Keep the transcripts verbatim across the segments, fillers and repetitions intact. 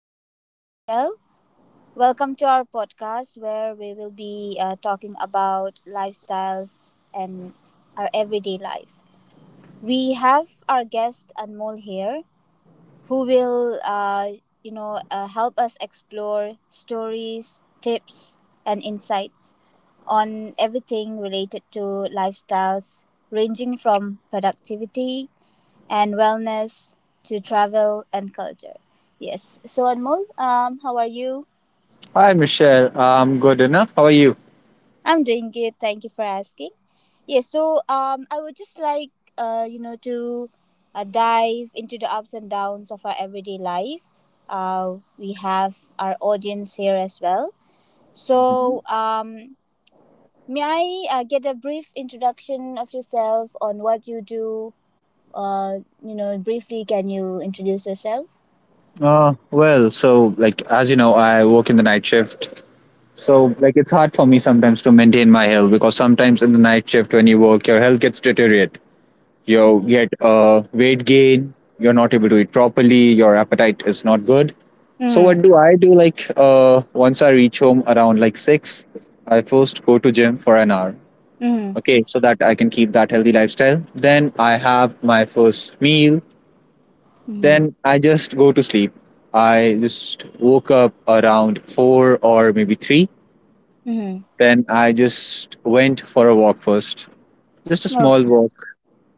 my name is Michelle. Welcome to our podcast where we will be uh, talking about lifestyles and our everyday life. We have our guest Anmol here who will uh, you know uh, help us explore stories, tips and insights on everything related to lifestyles ranging from productivity and wellness to travel and culture. Yes. So Anmol, um, how are you? Hi, Michelle. I'm good enough. How are you? I'm doing good. Thank you for asking. Yes. So um, I would just like uh, you know, to uh, dive into the ups and downs of our everyday life. Uh, we have our audience here as well. So um, may I uh, get a brief introduction of yourself on what you do? Uh, you know, briefly, can you introduce yourself? Uh, well, so like as you know, I work in the night shift. So like it's hard for me sometimes to maintain my health because sometimes in the night shift when you work, your health gets deteriorate. You get uh, weight gain. You're not able to eat properly. Your appetite is not good. So what Mm-hmm. do I do? Like uh, once I reach home around like six, I first go to gym for an hour. Mm-hmm. Okay, so that I can keep that healthy lifestyle. Then I have my first meal. Then I just go to sleep. I just woke up around four or maybe three. Mm-hmm. Then I just went for a walk first, just a small Okay. walk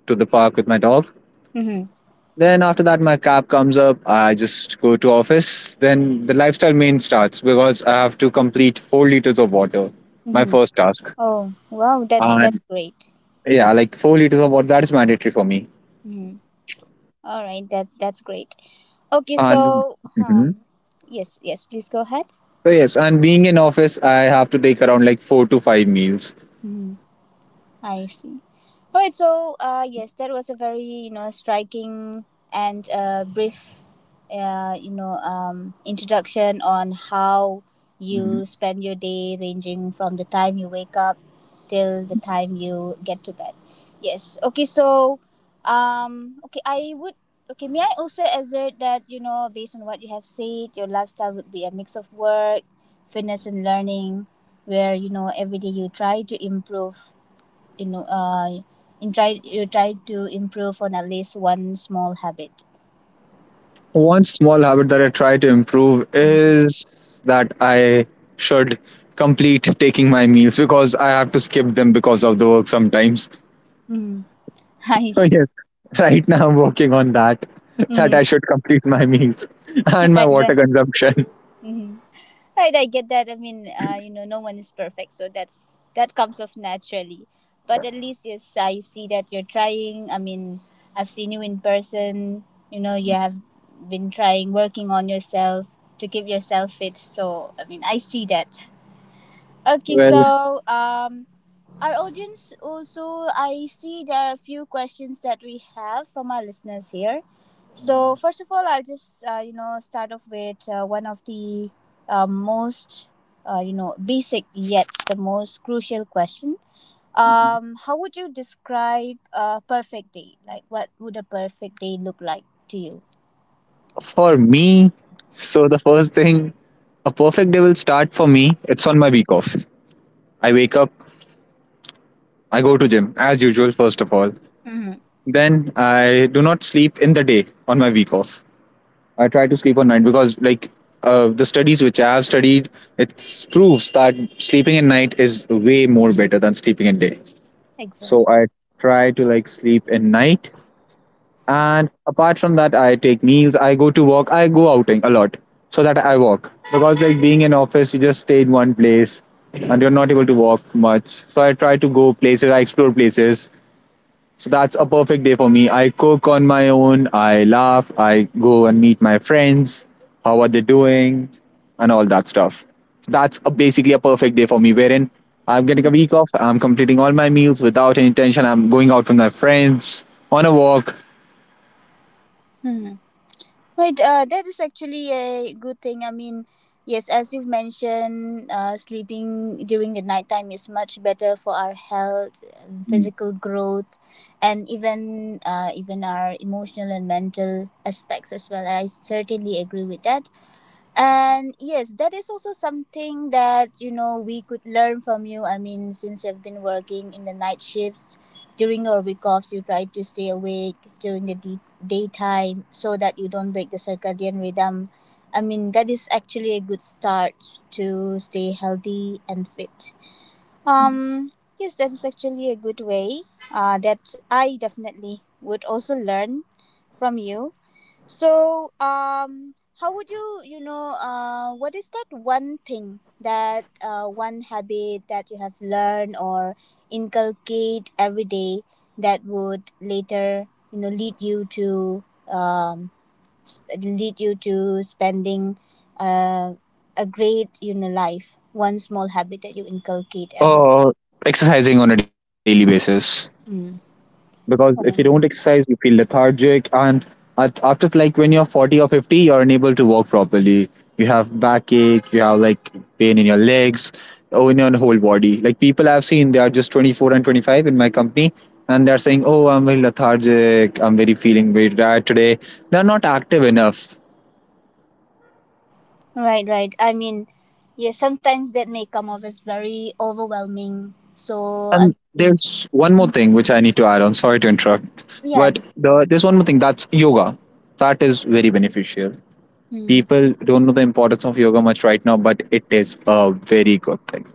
to the park with my dog. Mm-hmm. Then after that, my cab comes up. I just go to office. Then the lifestyle main starts because I have to complete four liters of water, my Mm-hmm. first task. Oh, wow, that's that's And great. yeah, like four liters of water that is mandatory for me. Mm-hmm. All right, that that's great. Okay, And so mhm. um, yes, yes, please go ahead. So yes, and being in office, I have to take around like four to five meals. I see. All right. So, uh, yes, that was a very you know striking and uh, brief, uh, you know, um, introduction on how Mm-hmm. you spend your day, ranging from the time you wake up till the time you get to bed. Yes. Okay. So, um, okay, I would. Okay, may I also assert that, you know, based on what you have said, your lifestyle would be a mix of work, fitness, and learning, where, you know every day you try to improve you know uh in try you try to improve on at least one small habit. One small habit that I try to improve is that I should complete taking my meals because I have to skip them because of the work sometimes. Mm. I So see. yes, right now I'm working on that that I Mm. should complete my meals and my Right, water right. consumption. Hmm. Right, I get that. I mean, uh you know no one is perfect, so that's that comes off naturally. But at least, yes, I see that you're trying. I mean, I've seen you in person. You know you have been trying, working on yourself to keep yourself fit. So I mean, I see that. Okay, Well, so um Our audience also, I see there are a few questions that we have from our listeners here. So, first of all, I'll just, uh, you know, start off with uh, one of the uh, most, uh, you know, basic yet the most crucial question. Um, how would you describe a perfect day? Like, what would a perfect day look like to you? for me, so the first thing a perfect day will start for me. It's on my week off. I wake up, I go to gym as usual first of all. Mm-hmm. Then I do not sleep in the day on my week off. I try to sleep at night because like uh, the studies which I have studied, it proves that sleeping at night is way more better than sleeping at day. So Exactly. I try to like sleep at night, and apart from that, I take meals. I go to walk. I go outing a lot so that I walk because like being in office, you just stay in one place and you're not able to walk much. So I try to go places. I explore places. So that's a perfect day for me. I cook on my own, I laugh, I go and meet my friends, how are they doing, and all that stuff. That's a, basically a perfect day for me, wherein I'm getting a week off, I'm completing all my meals without any tension, I'm going out with my friends on a walk, Mm-hmm. Right, uh, that is actually a good thing. I mean, yes, as you've mentioned, uh, sleeping during the nighttime is much better for our health, um, physical growth, and even uh, even our emotional and mental aspects as well. I certainly agree with that. And yes, that is also something that, you know we could learn from you. I mean, since you've been working in the night shifts during your week offs, you try to stay awake during the de- daytime so that you don't break the circadian rhythm. I mean, that is actually a good start to stay healthy and fit. Um, yes, that is actually a good way uh, that I definitely would also learn from you. So, um, how would you, you know, uh, what is that one thing that uh, one habit that you have learned or inculcate every day that would later, you know, lead you to um, sp- lead you to spending uh, a great, you know, life? One small habit that you inculcate every or exercising on a daily basis. day. Mm. Because if you don't Right. exercise you feel lethargic and at, after like when you're forty or fifty you're unable to walk properly, you have backache, you have like pain in your legs or in your whole body. Like people I've seen, they are just twenty-four and twenty-five in my company and they're saying, oh, I'm very lethargic, I'm very feeling very tired today. They're not active enough. Right, right. I mean, yeah, sometimes that may come off as very overwhelming. So, I And mean. there's one more Mm. thing which I need to add on, sorry to interrupt, Yeah. but the, there's one more thing, that's yoga. That is very beneficial. Mm. People don't know the importance of yoga much right now, but it is a very good thing.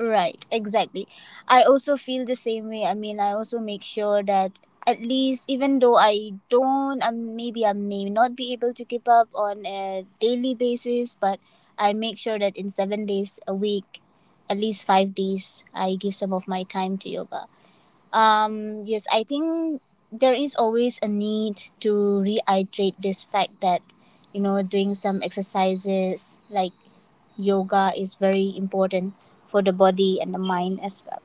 Right. Exactly. I also feel the same way. I mean, I also make sure that at least, even though I don't, um, maybe I may not be able to keep up on a daily basis, but I make sure that in seven days a week, at least five days, I give some of my time to yoga. Um, yes, I think there is always a need to reiterate this fact that, you know, doing some exercises like yoga is very important for the body and the mind as well.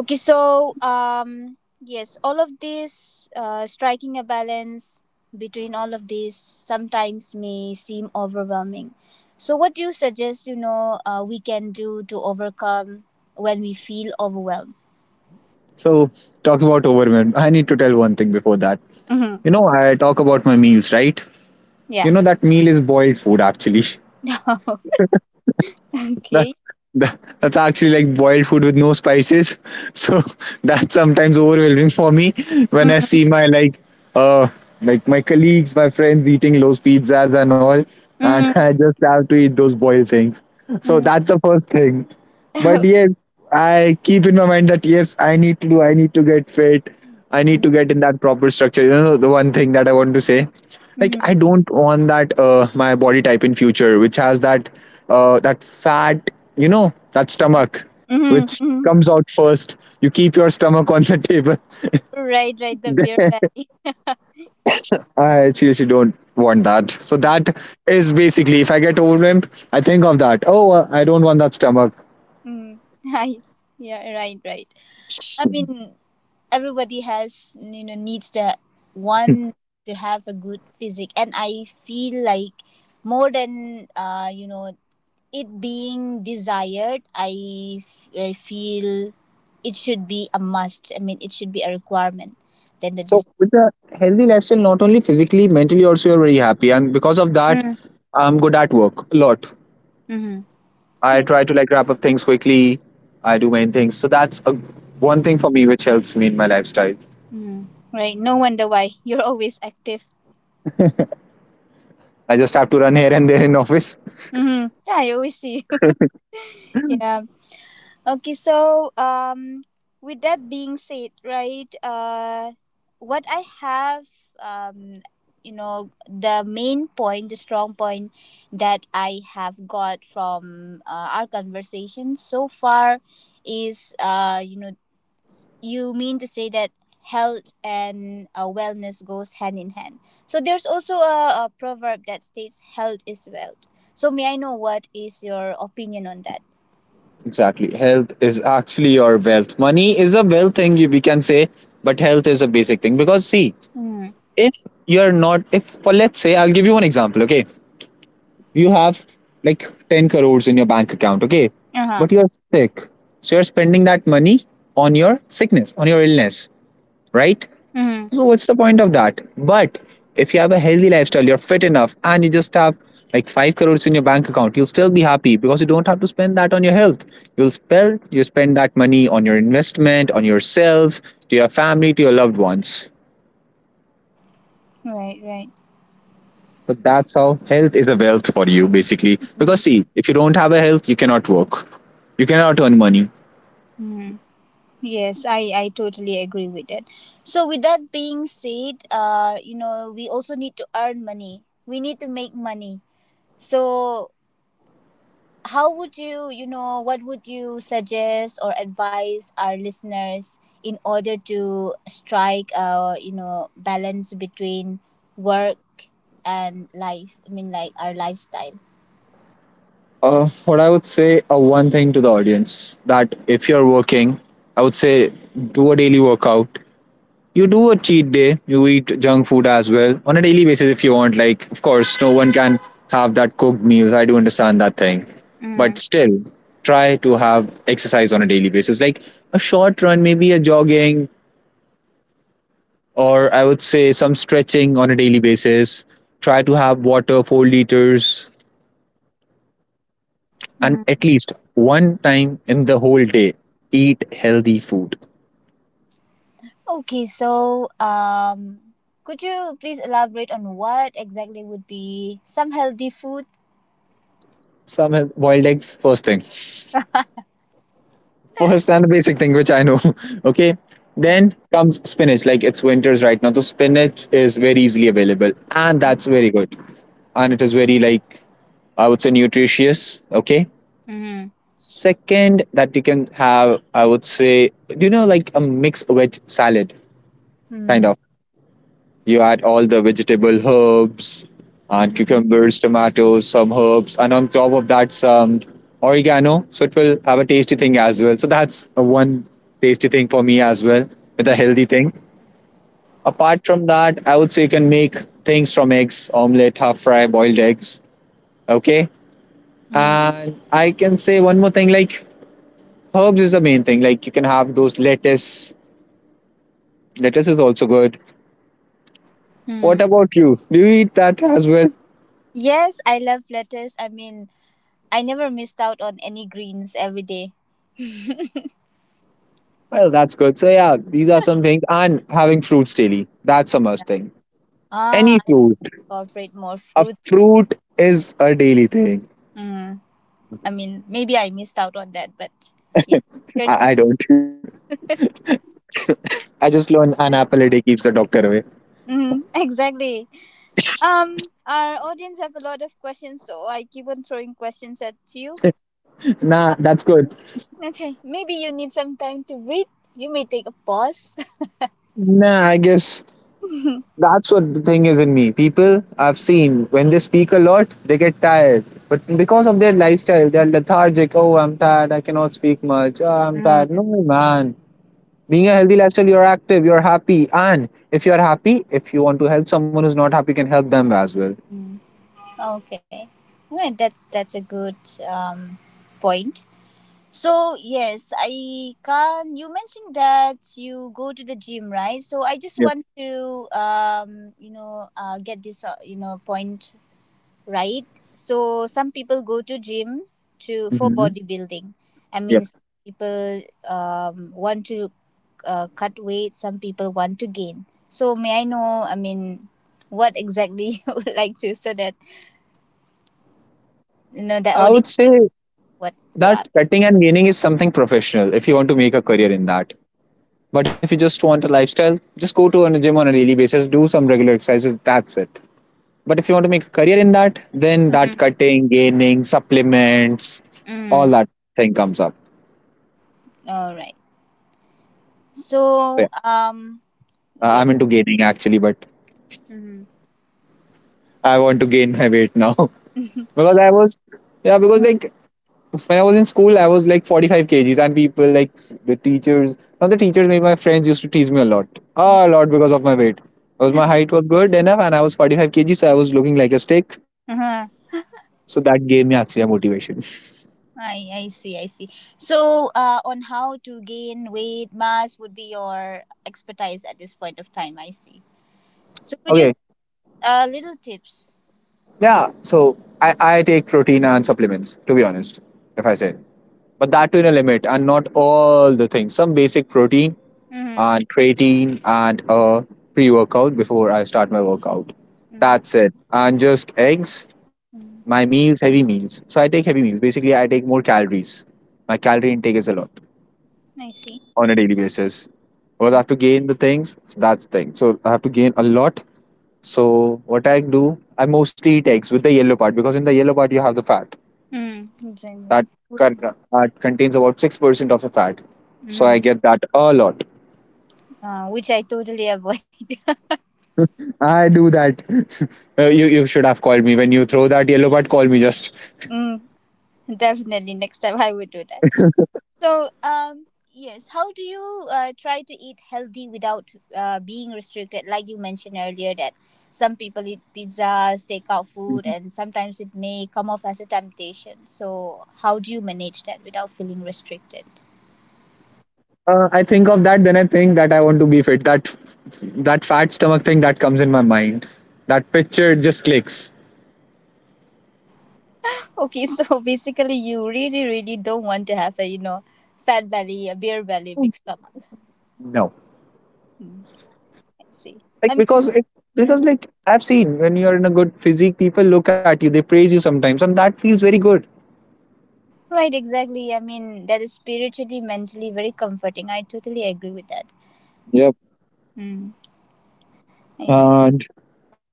Okay, so, um, yes, all of this, uh, striking a balance between all of this sometimes may seem overwhelming. So, what do you suggest, you know, uh, we can do to overcome when we feel overwhelmed? So, talking about overwhelm. I need to tell one thing before that. Mm-hmm. You know, I talk about my meals, right? You know, that meal is boiled food actually. Yeah. That, Okay. that, that's actually like boiled food with no spices. So, that's sometimes overwhelming for me when I Mm, see my like, uh, like my colleagues, my friends eating those pizzas and all, and mm, I just have to eat those boiled things. So mm. that's the first thing. But yes, I keep in my mind that yes, I need to do, I need to get fit, I need to get in that proper structure. You know, the one thing that I want to say, like I Mhm, don't want that uh, my body type in future, which has that uh, that fat, you know, that stomach, mhm, which mhm. comes out first. You keep your stomach on the table. Right, right, the beer Then- valley. I seriously don't want that. So Mm, that is basically, if I get overwhelmed, I think of that. Oh, uh, I don't want that stomach. mm. Nice. Yeah, right, right. I mean, everybody has, you know, needs the one to have a good physique. And I feel like more than, uh, you know, it being desired, I, f- I feel it should be a must. I mean, it should be a requirement than the So with the healthy lifestyle, not only physically, mentally also you're very happy. And because of that, desire. I'm good at work a lot. Mm-hmm. I try to like wrap up things quickly. I do main things. So that's a, one thing for me which helps me in my lifestyle. Mm, right. No wonder why you're always active. I just have to run here and there in office. Mm-hmm. Yeah, I always see you. Yeah. Okay. So, um, with that being said, right, uh, what I have, um, you know, the main point, the strong point that I have got from uh, our conversation so far is, uh, you know, you mean to say that health and uh, wellness goes hand in hand. So there's also a, a proverb that states health is wealth. So may I know, what is your opinion on that? Exactly. Health is actually your wealth. Money is a wealth thing you- we can say, but health is a basic thing. Because see, Mm. if you're not if for let's say I'll give you one example, okay? You have like ten crores in your bank account, okay? Uh-huh. But you're sick. So you're spending that money on your sickness, on your illness, right? Mm. So what's the point of that? But if you have a healthy lifestyle, you're fit enough, and you just have like five crores in your bank account, you'll still be happy because you don't have to spend that on your health. You'll spend you spend that money on your investment, on yourself, to your family, to your loved ones. Right, right. So that's how health is a wealth for you, basically. Because Mm. see, if you don't have a health, you cannot work. You cannot earn money. Mm. Yes, i i totally agree with that. So with that being said, uh you know we also need to earn money. We need to make money. So how would you, you know, what would you suggest or advise our listeners in order to strike a, you know, balance between work and life? I mean, like our lifestyle. Uh, what I would say, uh, one thing to the audience, that if you're working, I would say do a daily workout. You do a cheat day. You eat junk food as well on a daily basis if you want. Like, of course, no one can have that cooked meals. I do understand that thing, but Mm. still, try to have exercise on a daily basis. Like a short run, maybe a jogging, or I would say some stretching on a daily basis. Try to have water, four liters, and Mm. at least one time in the whole day, eat healthy food. Okay, so um, could you please elaborate on what exactly would be some healthy food? Some health- boiled eggs, first thing. First and the basic thing, which I know. Okay. Uh, Then comes spinach. Like it's winters right now. So spinach is very easily available. And Mm. that's very good. And it is very like I would say nutritious. Okay. Hmm. Second, that you can have, I would say, you know, like a mixed veg salad? Kind Mm. of. You add all the vegetable herbs and Mm. cucumbers, tomatoes, some herbs, and on top of that some oregano. So it will have a tasty thing as well. So that's a one tasty thing for me as well with a healthy thing. Apart from that, I would say you can make things from eggs, omelette, half fry, boiled eggs. Okay. Mm. And I can say one more thing, like herbs is the main thing. Like you can have those lettuce. Lettuce is also good. What Mm. about you? Do you eat that as well? Yes, I love lettuce. I mean, I never missed out on any greens every day. Well, that's good. So yeah, these are some things, and having fruits daily. That's a must thing. Ah, Any I fruit, incorporate more a fruit. fruit is a daily thing. Mm. I mean, maybe I missed out on that, but yeah, sure did. I, I don't. I just learned an apple a day keeps the doctor away. Mm, exactly. Um, our audience have a lot of questions, so I keep on throwing questions at you. Nah, Um, that's good. okay, maybe you need some time to read. You may take a pause. Nah, I guess that's what the thing is in me. People I've seen when they speak a lot, they get tired. But because of their lifestyle, they're lethargic. Oh, I'm tired. I cannot speak much. Oh, I'm tired. No, man. Being a healthy lifestyle, you're active, you're happy, and if you're happy, if you want to help someone who's not happy, you can help them as well. Mm. Okay. Well, that's that's a good um, point. So yes, I can. You mentioned that you go to the gym, right? So I just Yep. want to, um, you know, uh, get this, uh, you know, point right. So some people go to gym to for Hmm. bodybuilding. I mean, Yep. some people um, want to uh, cut weight. Some people want to gain. So may I know? I mean, what exactly you would like to, so that you know the I would audience say what to that ask. cutting and gaining is something professional if you want to make a career in that. But if you just want a lifestyle, just go to a gym on a daily basis, do some regular exercises, that's it. But if you want to make a career in that, then that Mm. cutting, gaining, supplements, all Hmm. that thing comes up. All right. So yeah, So, um, yes. I'm into gaining actually, but Mm-hmm. I want to gain my weight now. Because I was, yeah, because Mhm. like when I was in school I was like forty-five kgs and people like the teachers, not the teachers, maybe my friends used to tease me a lot, a lot because of my weight, because my height was good enough and I was forty-five kgs so I was looking like a stick. Uh-huh. So that gave me actually a motivation. I, I see, I see. So, uh, on how to gain weight mass would be your expertise at this point of time. I see. So, could you Okay. uh, little tips? Yeah, so I, I take protein and supplements, to be honest, if I say. But that to in a limit and not all the things. Some basic protein Mm-hmm. and creatine and a pre workout before I start my workout. Mm-hmm. That's it. And just eggs, my Hmm. meals, heavy meals. So I take heavy meals. Basically, I take more calories. My calorie intake is a lot I see. on a daily basis. Because I have to gain the things, so that's the thing. So I have to gain a lot, so what I do, I mostly eat eggs with the yellow part, because in the yellow part you have the fat Mm-hmm. Exactly. that con- that contains about six percent of the fat. So I Mm-hmm. get that a lot. Uh, which I totally avoid. I do that. Uh, you you should have called me when you throw that yellow part. Call me just. Mm, definitely, next time I would do that. So, um, yes, how do you uh, try to eat healthy without uh, being restricted? Like you mentioned earlier, that some people eat pizzas, takeout food, and sometimes it may come off as a temptation. So, how do you manage that without feeling restricted? Uh, I think of that, then I think that I want to be fit. That that fat stomach thing that comes in my mind. That picture just clicks. Okay, so basically, you really, really don't want to have a, you know, fat belly, a beer belly, big stomach. No. Hmm, I see. Like I because mean. it because Mhm. like I've seen, when you're in a good physique, people look at you, they praise you sometimes, and that feels very good. Right, exactly. I mean, that is spiritually, mentally very comforting. I totally agree with that. Hmm. I see. And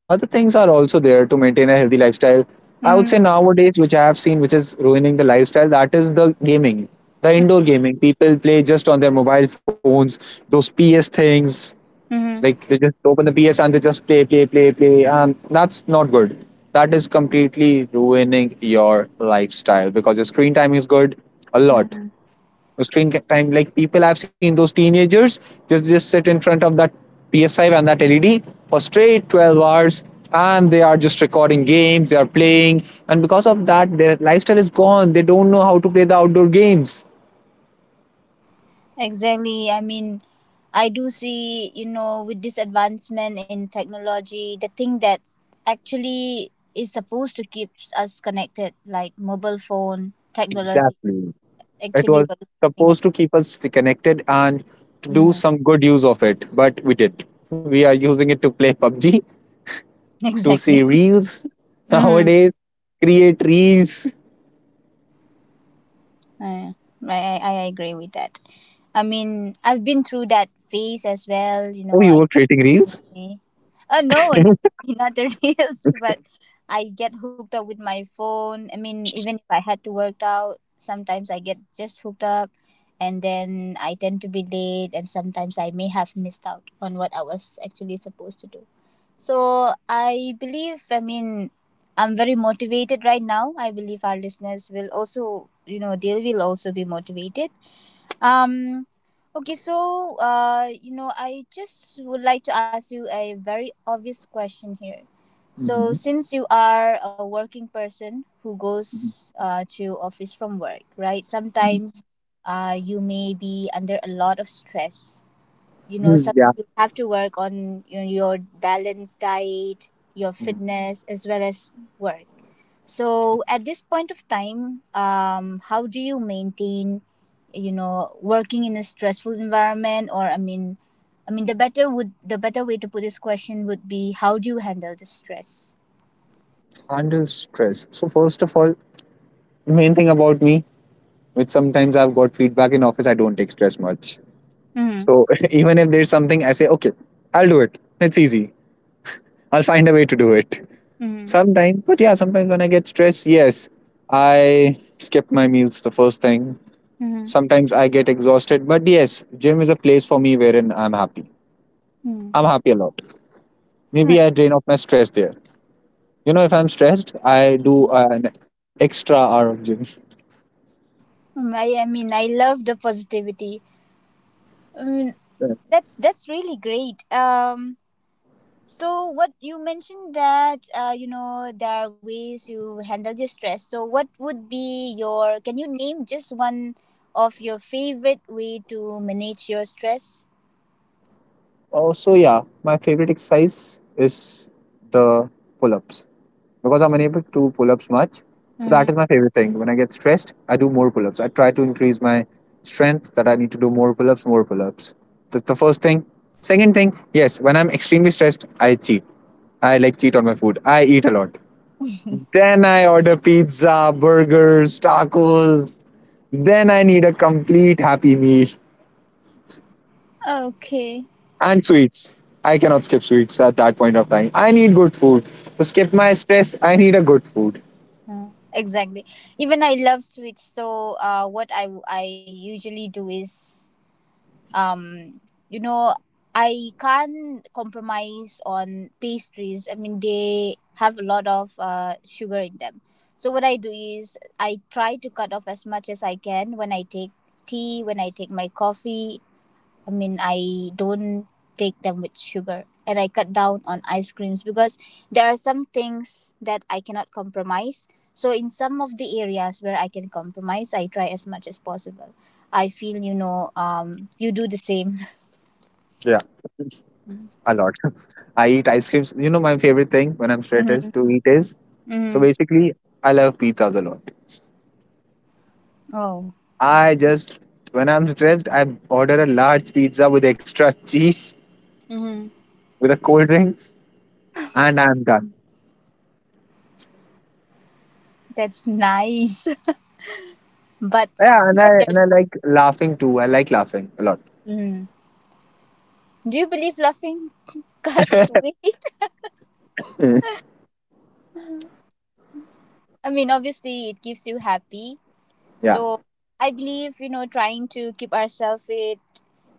other things are also there to maintain a healthy lifestyle. I would Mm, say nowadays, which I have seen, which is ruining the lifestyle, that is the gaming, the indoor gaming. People play just on their mobile phones, those PS things. mm, Like, they just open the PS and they just play play play play, and that's not good. That is completely ruining your lifestyle, because your screen time is good, a lot. hmm. The screen time, like, people, I've seen those teenagers just just sit in front of that P S five and that L E D for straight twelve hours, and they are just recording games, they are playing, and because of that, their lifestyle is gone. They don't know how to play the outdoor games. Exactly. I mean, I do see, you know, with this advancement in technology, the thing that actually is supposed to keep us connected, like mobile phone technology, Exactly. It actually was what is keeping us. supposed to keep us connected and to do Hmm. some good use of it, but we did. We are using it to play P U B G, to see Exactly. reels nowadays, Mm-hmm. create reels. Uh, right. I, I agree with that. I mean, I've been through that phase as well. You Oh, know, you I were creating reels? me. Oh no, not the reels, but I get hooked up with my phone. I mean, even if I had to work out, sometimes I get just hooked up and then I tend to be late and sometimes I may have missed out on what I was actually supposed to do. So I believe, I mean, I'm very motivated right now. I believe our listeners will also, you know, they will also be motivated. um, okay, so uh, you know, I just would like to ask you a very obvious question here. So, since you are a working person who goes uh, to office from work, right? Sometimes uh, you may be under a lot of stress. You know Hmm, some yeah. You have to work on, you know, your balanced diet, your fitness as well as work. So at this point of time, um how do you maintain, you know working in a stressful environment? Or I mean, i mean the better would the better way to put this question would be, how do you handle the stress? Handle stress. So first of all, main thing about me, which sometimes I've got feedback in office, I don't take stress much. Mm-hmm. So even if there's something, I say okay, I'll do it, it's easy, I'll find a way to do it Mm-hmm. sometimes. But yeah, sometimes when I get stressed, yes, I skip my meals, the first thing. Sometimes I get exhausted, but yes, gym is a place for me wherein I'm happy, I'm Mm-hmm. happy a lot. Maybe I drain off my stress there. You know, if I'm stressed, I do Mm-hmm. an extra hour of gym. I, I mean I love the positivity. I mean, that's that's really great. Um So what you mentioned that uh, you know there are ways you handle your stress. So what would be your? Can you name just one of your favorite way to manage your stress? Oh, so yeah, my favorite exercise is the pull-ups, because I'm unable to do pull-ups much. So that Mm. is my favorite thing. When I get stressed, I do more pull-ups. I try to increase my strength, that I need to do more pull-ups, more pull-ups. That's the first thing. Second thing, yes, when I'm extremely stressed, I cheat. I like cheat on my food. I eat a lot. Then I order pizza, burgers, tacos. Then I need a complete happy meal. Okay. And sweets. I cannot skip sweets at that point of time. I need good food. To skip my stress, I need a good food. Mm, exactly. Even I love sweets. So uh, what I I usually do is um you know I can't compromise on pastries. I mean, they have a lot of uh, sugar in them, so what I do is I try to cut off as much as I can when I take tea, when I take my coffee. I mean, I don't take them with sugar, and I cut down on ice creams because there are some things that I cannot compromise. So, in some of the areas where I can compromise, I try as much as possible. I feel, you know, um, you do the same. Yeah. A lot. I eat ice creams. You know, my favorite thing when I'm stressed is Mm-hmm. to eat is. So Hmm. basically, I love pizzas a lot. Oh, I just, when I'm stressed, I order a large pizza with extra cheese, hmm, with a cold drink, and I'm done. that's nice. But Yeah, and yeah, I, and there's. I like laughing too. I like laughing a lot. Mm. Do you believe laughing cuts weight? I mean, obviously, it keeps you happy. Yeah. So I believe, you know, trying to keep ourselves fit,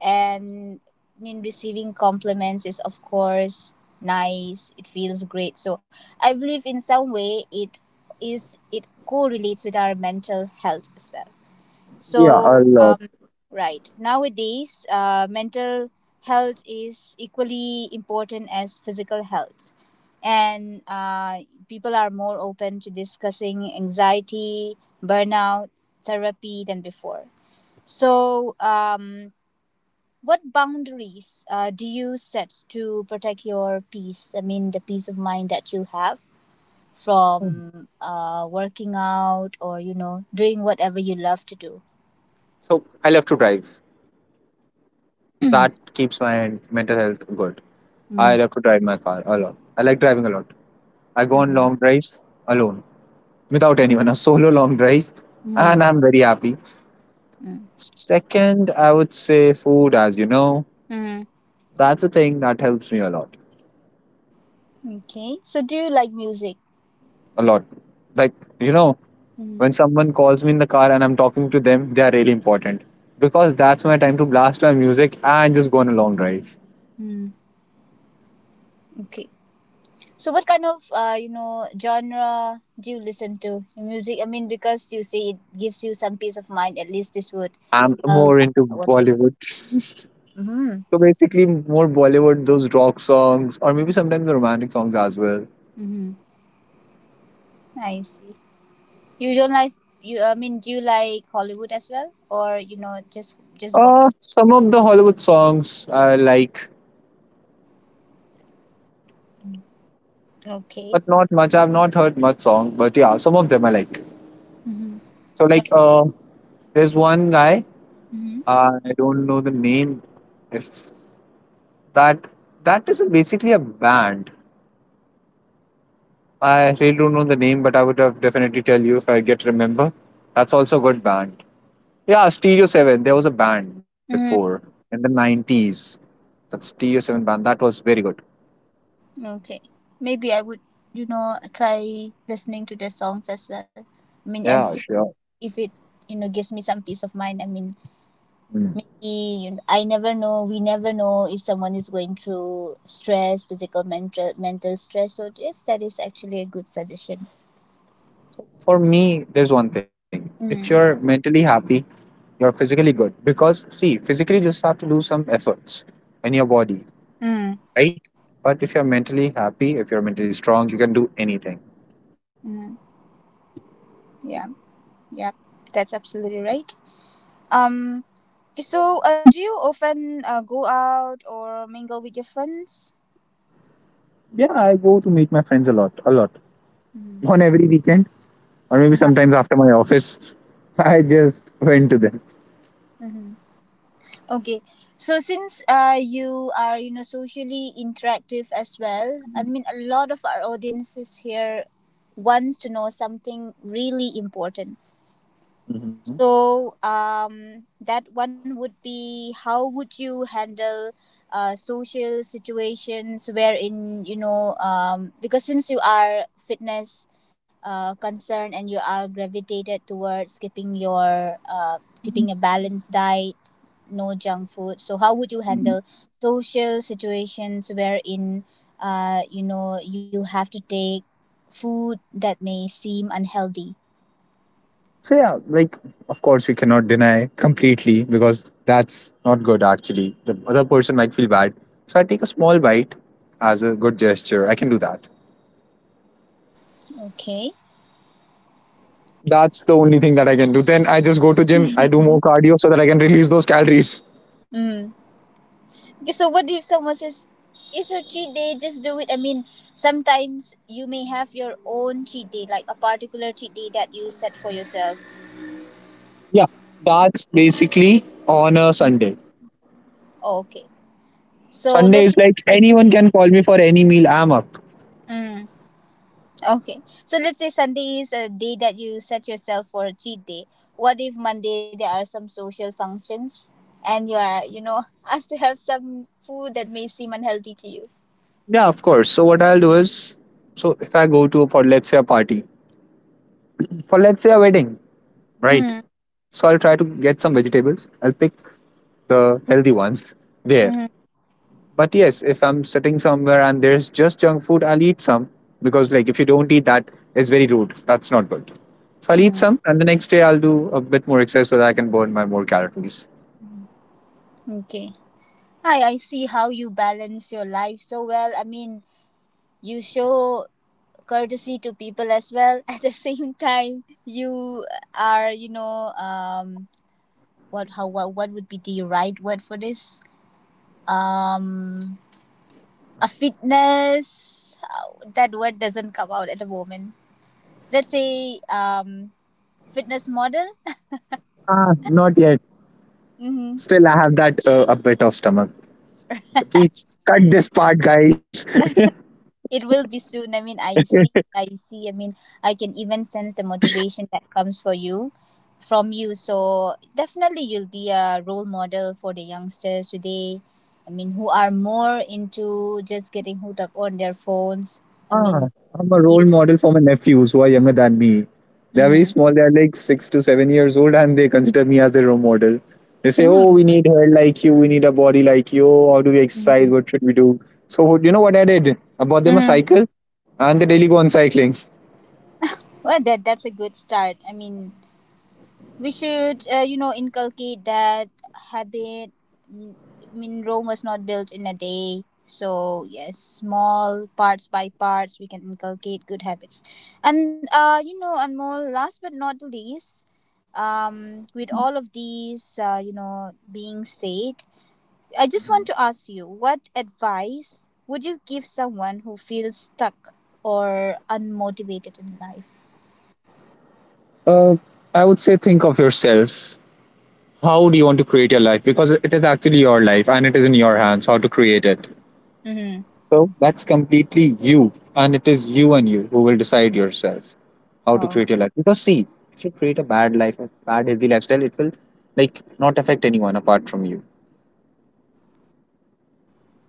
and I mean receiving compliments is of course nice. It feels great. So I believe in some way it is, it correlates with our mental health as well. Yeah, a So lot. um right. Nowadays uh mental health is equally important as physical health, and uh, people are more open to discussing anxiety, burnout, therapy than before. So, um, what boundaries uh, do you set to protect your peace? I mean, the peace of mind that you have from uh, working out or you know doing whatever you love to do. So I love to drive. That keeps my mental health good. I Mm. love to drive my car a lot. I like driving a lot. I go on Mm. long drives alone, without anyone, a solo long drive, Mm. and I'm very happy. Mm. Second, I would say food, as you know, Mm. that's a thing that helps me a lot. Okay. So, do you like music? A lot. Like, you know, Mm. when someone calls me in the car and I'm talking to them, they are really important, because that's my time to blast my music and just go on a long drive. Mm. Okay. So, what kind of uh, you know genre do you listen to music? I mean, because you say it gives you some peace of mind. At least this would I'm help. more uh, into What you? Bollywood. Mm-hmm. So basically, more Bollywood, those rock songs, or maybe sometimes the romantic songs as well. Mm-hmm. I see. You don't like you. I mean, do you like Hollywood as well, or you know, just just Bollywood? Uh, some of the Hollywood songs I like, Mm. Okay. but not much. I've not heard much song, but yeah, some of them I like. Mm-hmm. So like, uh, there's one guy. Mm-hmm. I don't know the name. If that that is basically a band. I really don't know the name, but I would have definitely tell you if I get remember. That's also a good band. Yeah, Stereo seven. There was a band before Mm-hmm. in the nineties. That Stereo seven band. That was very good. Okay. Maybe I would you know try listening to the songs as well. I mean, and Yeah, see sure. if it you know gives me some peace of mind. I mean, Mm. maybe you, I never know. We never know if someone is going through stress, physical, mental, mental stress. So yes, that is actually a good suggestion. For me, there's one thing. If you're Mm. mentally happy, you're physically good. Because, see, physically, you just have to do some efforts in your body, Mm. right? But if you're mentally happy, if you're mentally strong, you can do anything. Mm. Yeah. Yep. That's absolutely right. Um. So, uh, do you often uh, go out or mingle with your friends? Yeah, I go to meet my friends a lot, a lot. Mm-hmm. On every weekend, or maybe Uh-huh. sometimes after my office, I just went to them. Mhm. Okay, so since uh, you are you know socially interactive as well, I mean a lot of our audiences here wants to know something really important. So um, that one would be how would you handle uh, social situations wherein you know um, because since you are fitness uh, concerned and you are gravitated towards keeping your uh, keeping a balanced diet, no junk food. So how would you handle social situations wherein uh, you know you have to take food that may seem unhealthy? So yeah, like, of course we cannot deny completely, because that's not good actually. The other person might feel bad. So I take a small bite as a good gesture. I can do that. Okay. That's the only thing that I can do. Then I just go to gym, I do more cardio so that I can release those calories. Mm. So what if someone says, "It's your cheat day. Just do it." I mean, sometimes you may have your own cheat day, like a particular cheat day that you set for yourself. Yeah. That's basically on a Sunday. Oh, okay. So Sunday let's is say, like anyone can call me for any meal, I'm up. mm, okay. So let's say Sunday is a day that you set yourself for a cheat day. What if Monday there are some social functions and you are, you know, asked to have some food that may seem unhealthy to you? Yeah, of course. So what I'll do is, so if I go to for let's say a party, for let's say a wedding. Right. Mm, So I'll try to get some vegetables. I'll pick the healthy ones there. mm, But yes, if I'm sitting somewhere and there's just junk food, I'll eat some, because like if you don't eat that, it's very rude. That's not good. So I'll eat mm. some and the next day I'll do a bit more exercise so that I can burn my more calories. Okay. I I see how you balance your life so well. I mean, you show courtesy to people as well at the same time you are you know um what how what, what would be the right word for this um a fitness, uh, that word doesn't come out at the moment. Let's say um fitness model. Ah, not yet. Mm-hmm. Still, I have that uh, a bit of stomach. Please cut this part, guys. It will be soon. I mean, I see, I see. I mean, I can even sense the motivation that comes for you, from you. So definitely, you'll be a role model for the youngsters today. I mean, who are more into just getting hooked up on their phones. I Ah, mean, I'm a role you. model for my nephews who are younger than me. They are very Mm. small. They are like six to seven years old, and they consider me as their role model. They say, "Oh, Mm. we need hair like you. We need a body like you. How do we exercise? What should we do?" So you know what I did? I bought them a Mm. cycle, and they daily go on cycling. Well, that that's a good start. I mean, we should uh, you know inculcate that habit. Mm, I mean Rome was not built in a day. So yes, small parts by parts we can inculcate good habits. And uh, you know and more last but not the least, um, with all of these uh, you know being said, I just want to ask you what advice would you give someone who feels stuck or unmotivated in life? Uh, I would say, think of yourself. How do you want to create your life? Because it is actually your life, and it is in your hands how to create it. Mm-hmm. So that's completely you, and it is you and you who will decide yourself how to Oh. create your life. Because see, if you create a bad life, a bad healthy lifestyle, it will like not affect anyone apart from you.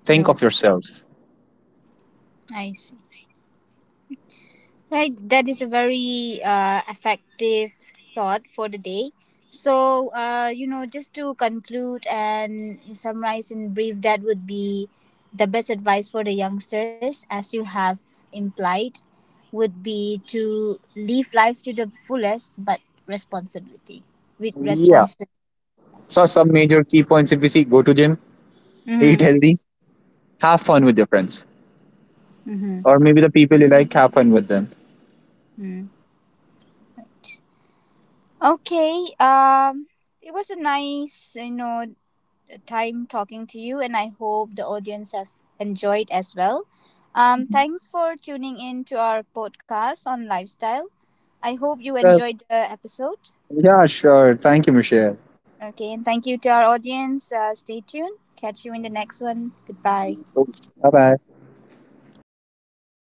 Think No. of yourself. I see. Right, that is a very uh, effective thought for the day. So, uh, you know, just to conclude and summarize in brief, that would be the best advice for the youngsters, as you have implied, would be to live life to the fullest, but responsibility with Yeah. responsibility. So some major key points if you see, go to gym, eat Mm-hmm, healthy, have fun with your friends, mm-hmm, or maybe the people you like, have fun with them. mm. Right. Okay. Um, it was a nice, you know, time talking to you, and I hope the audience have enjoyed as well. Um, thanks for tuning in to our podcast on lifestyle. I hope you Well, enjoyed the episode. yeah, sure. Thank you, Michelle. Okay, and thank you to our audience. Uh, stay tuned. Catch you in the next one. Goodbye. Bye bye.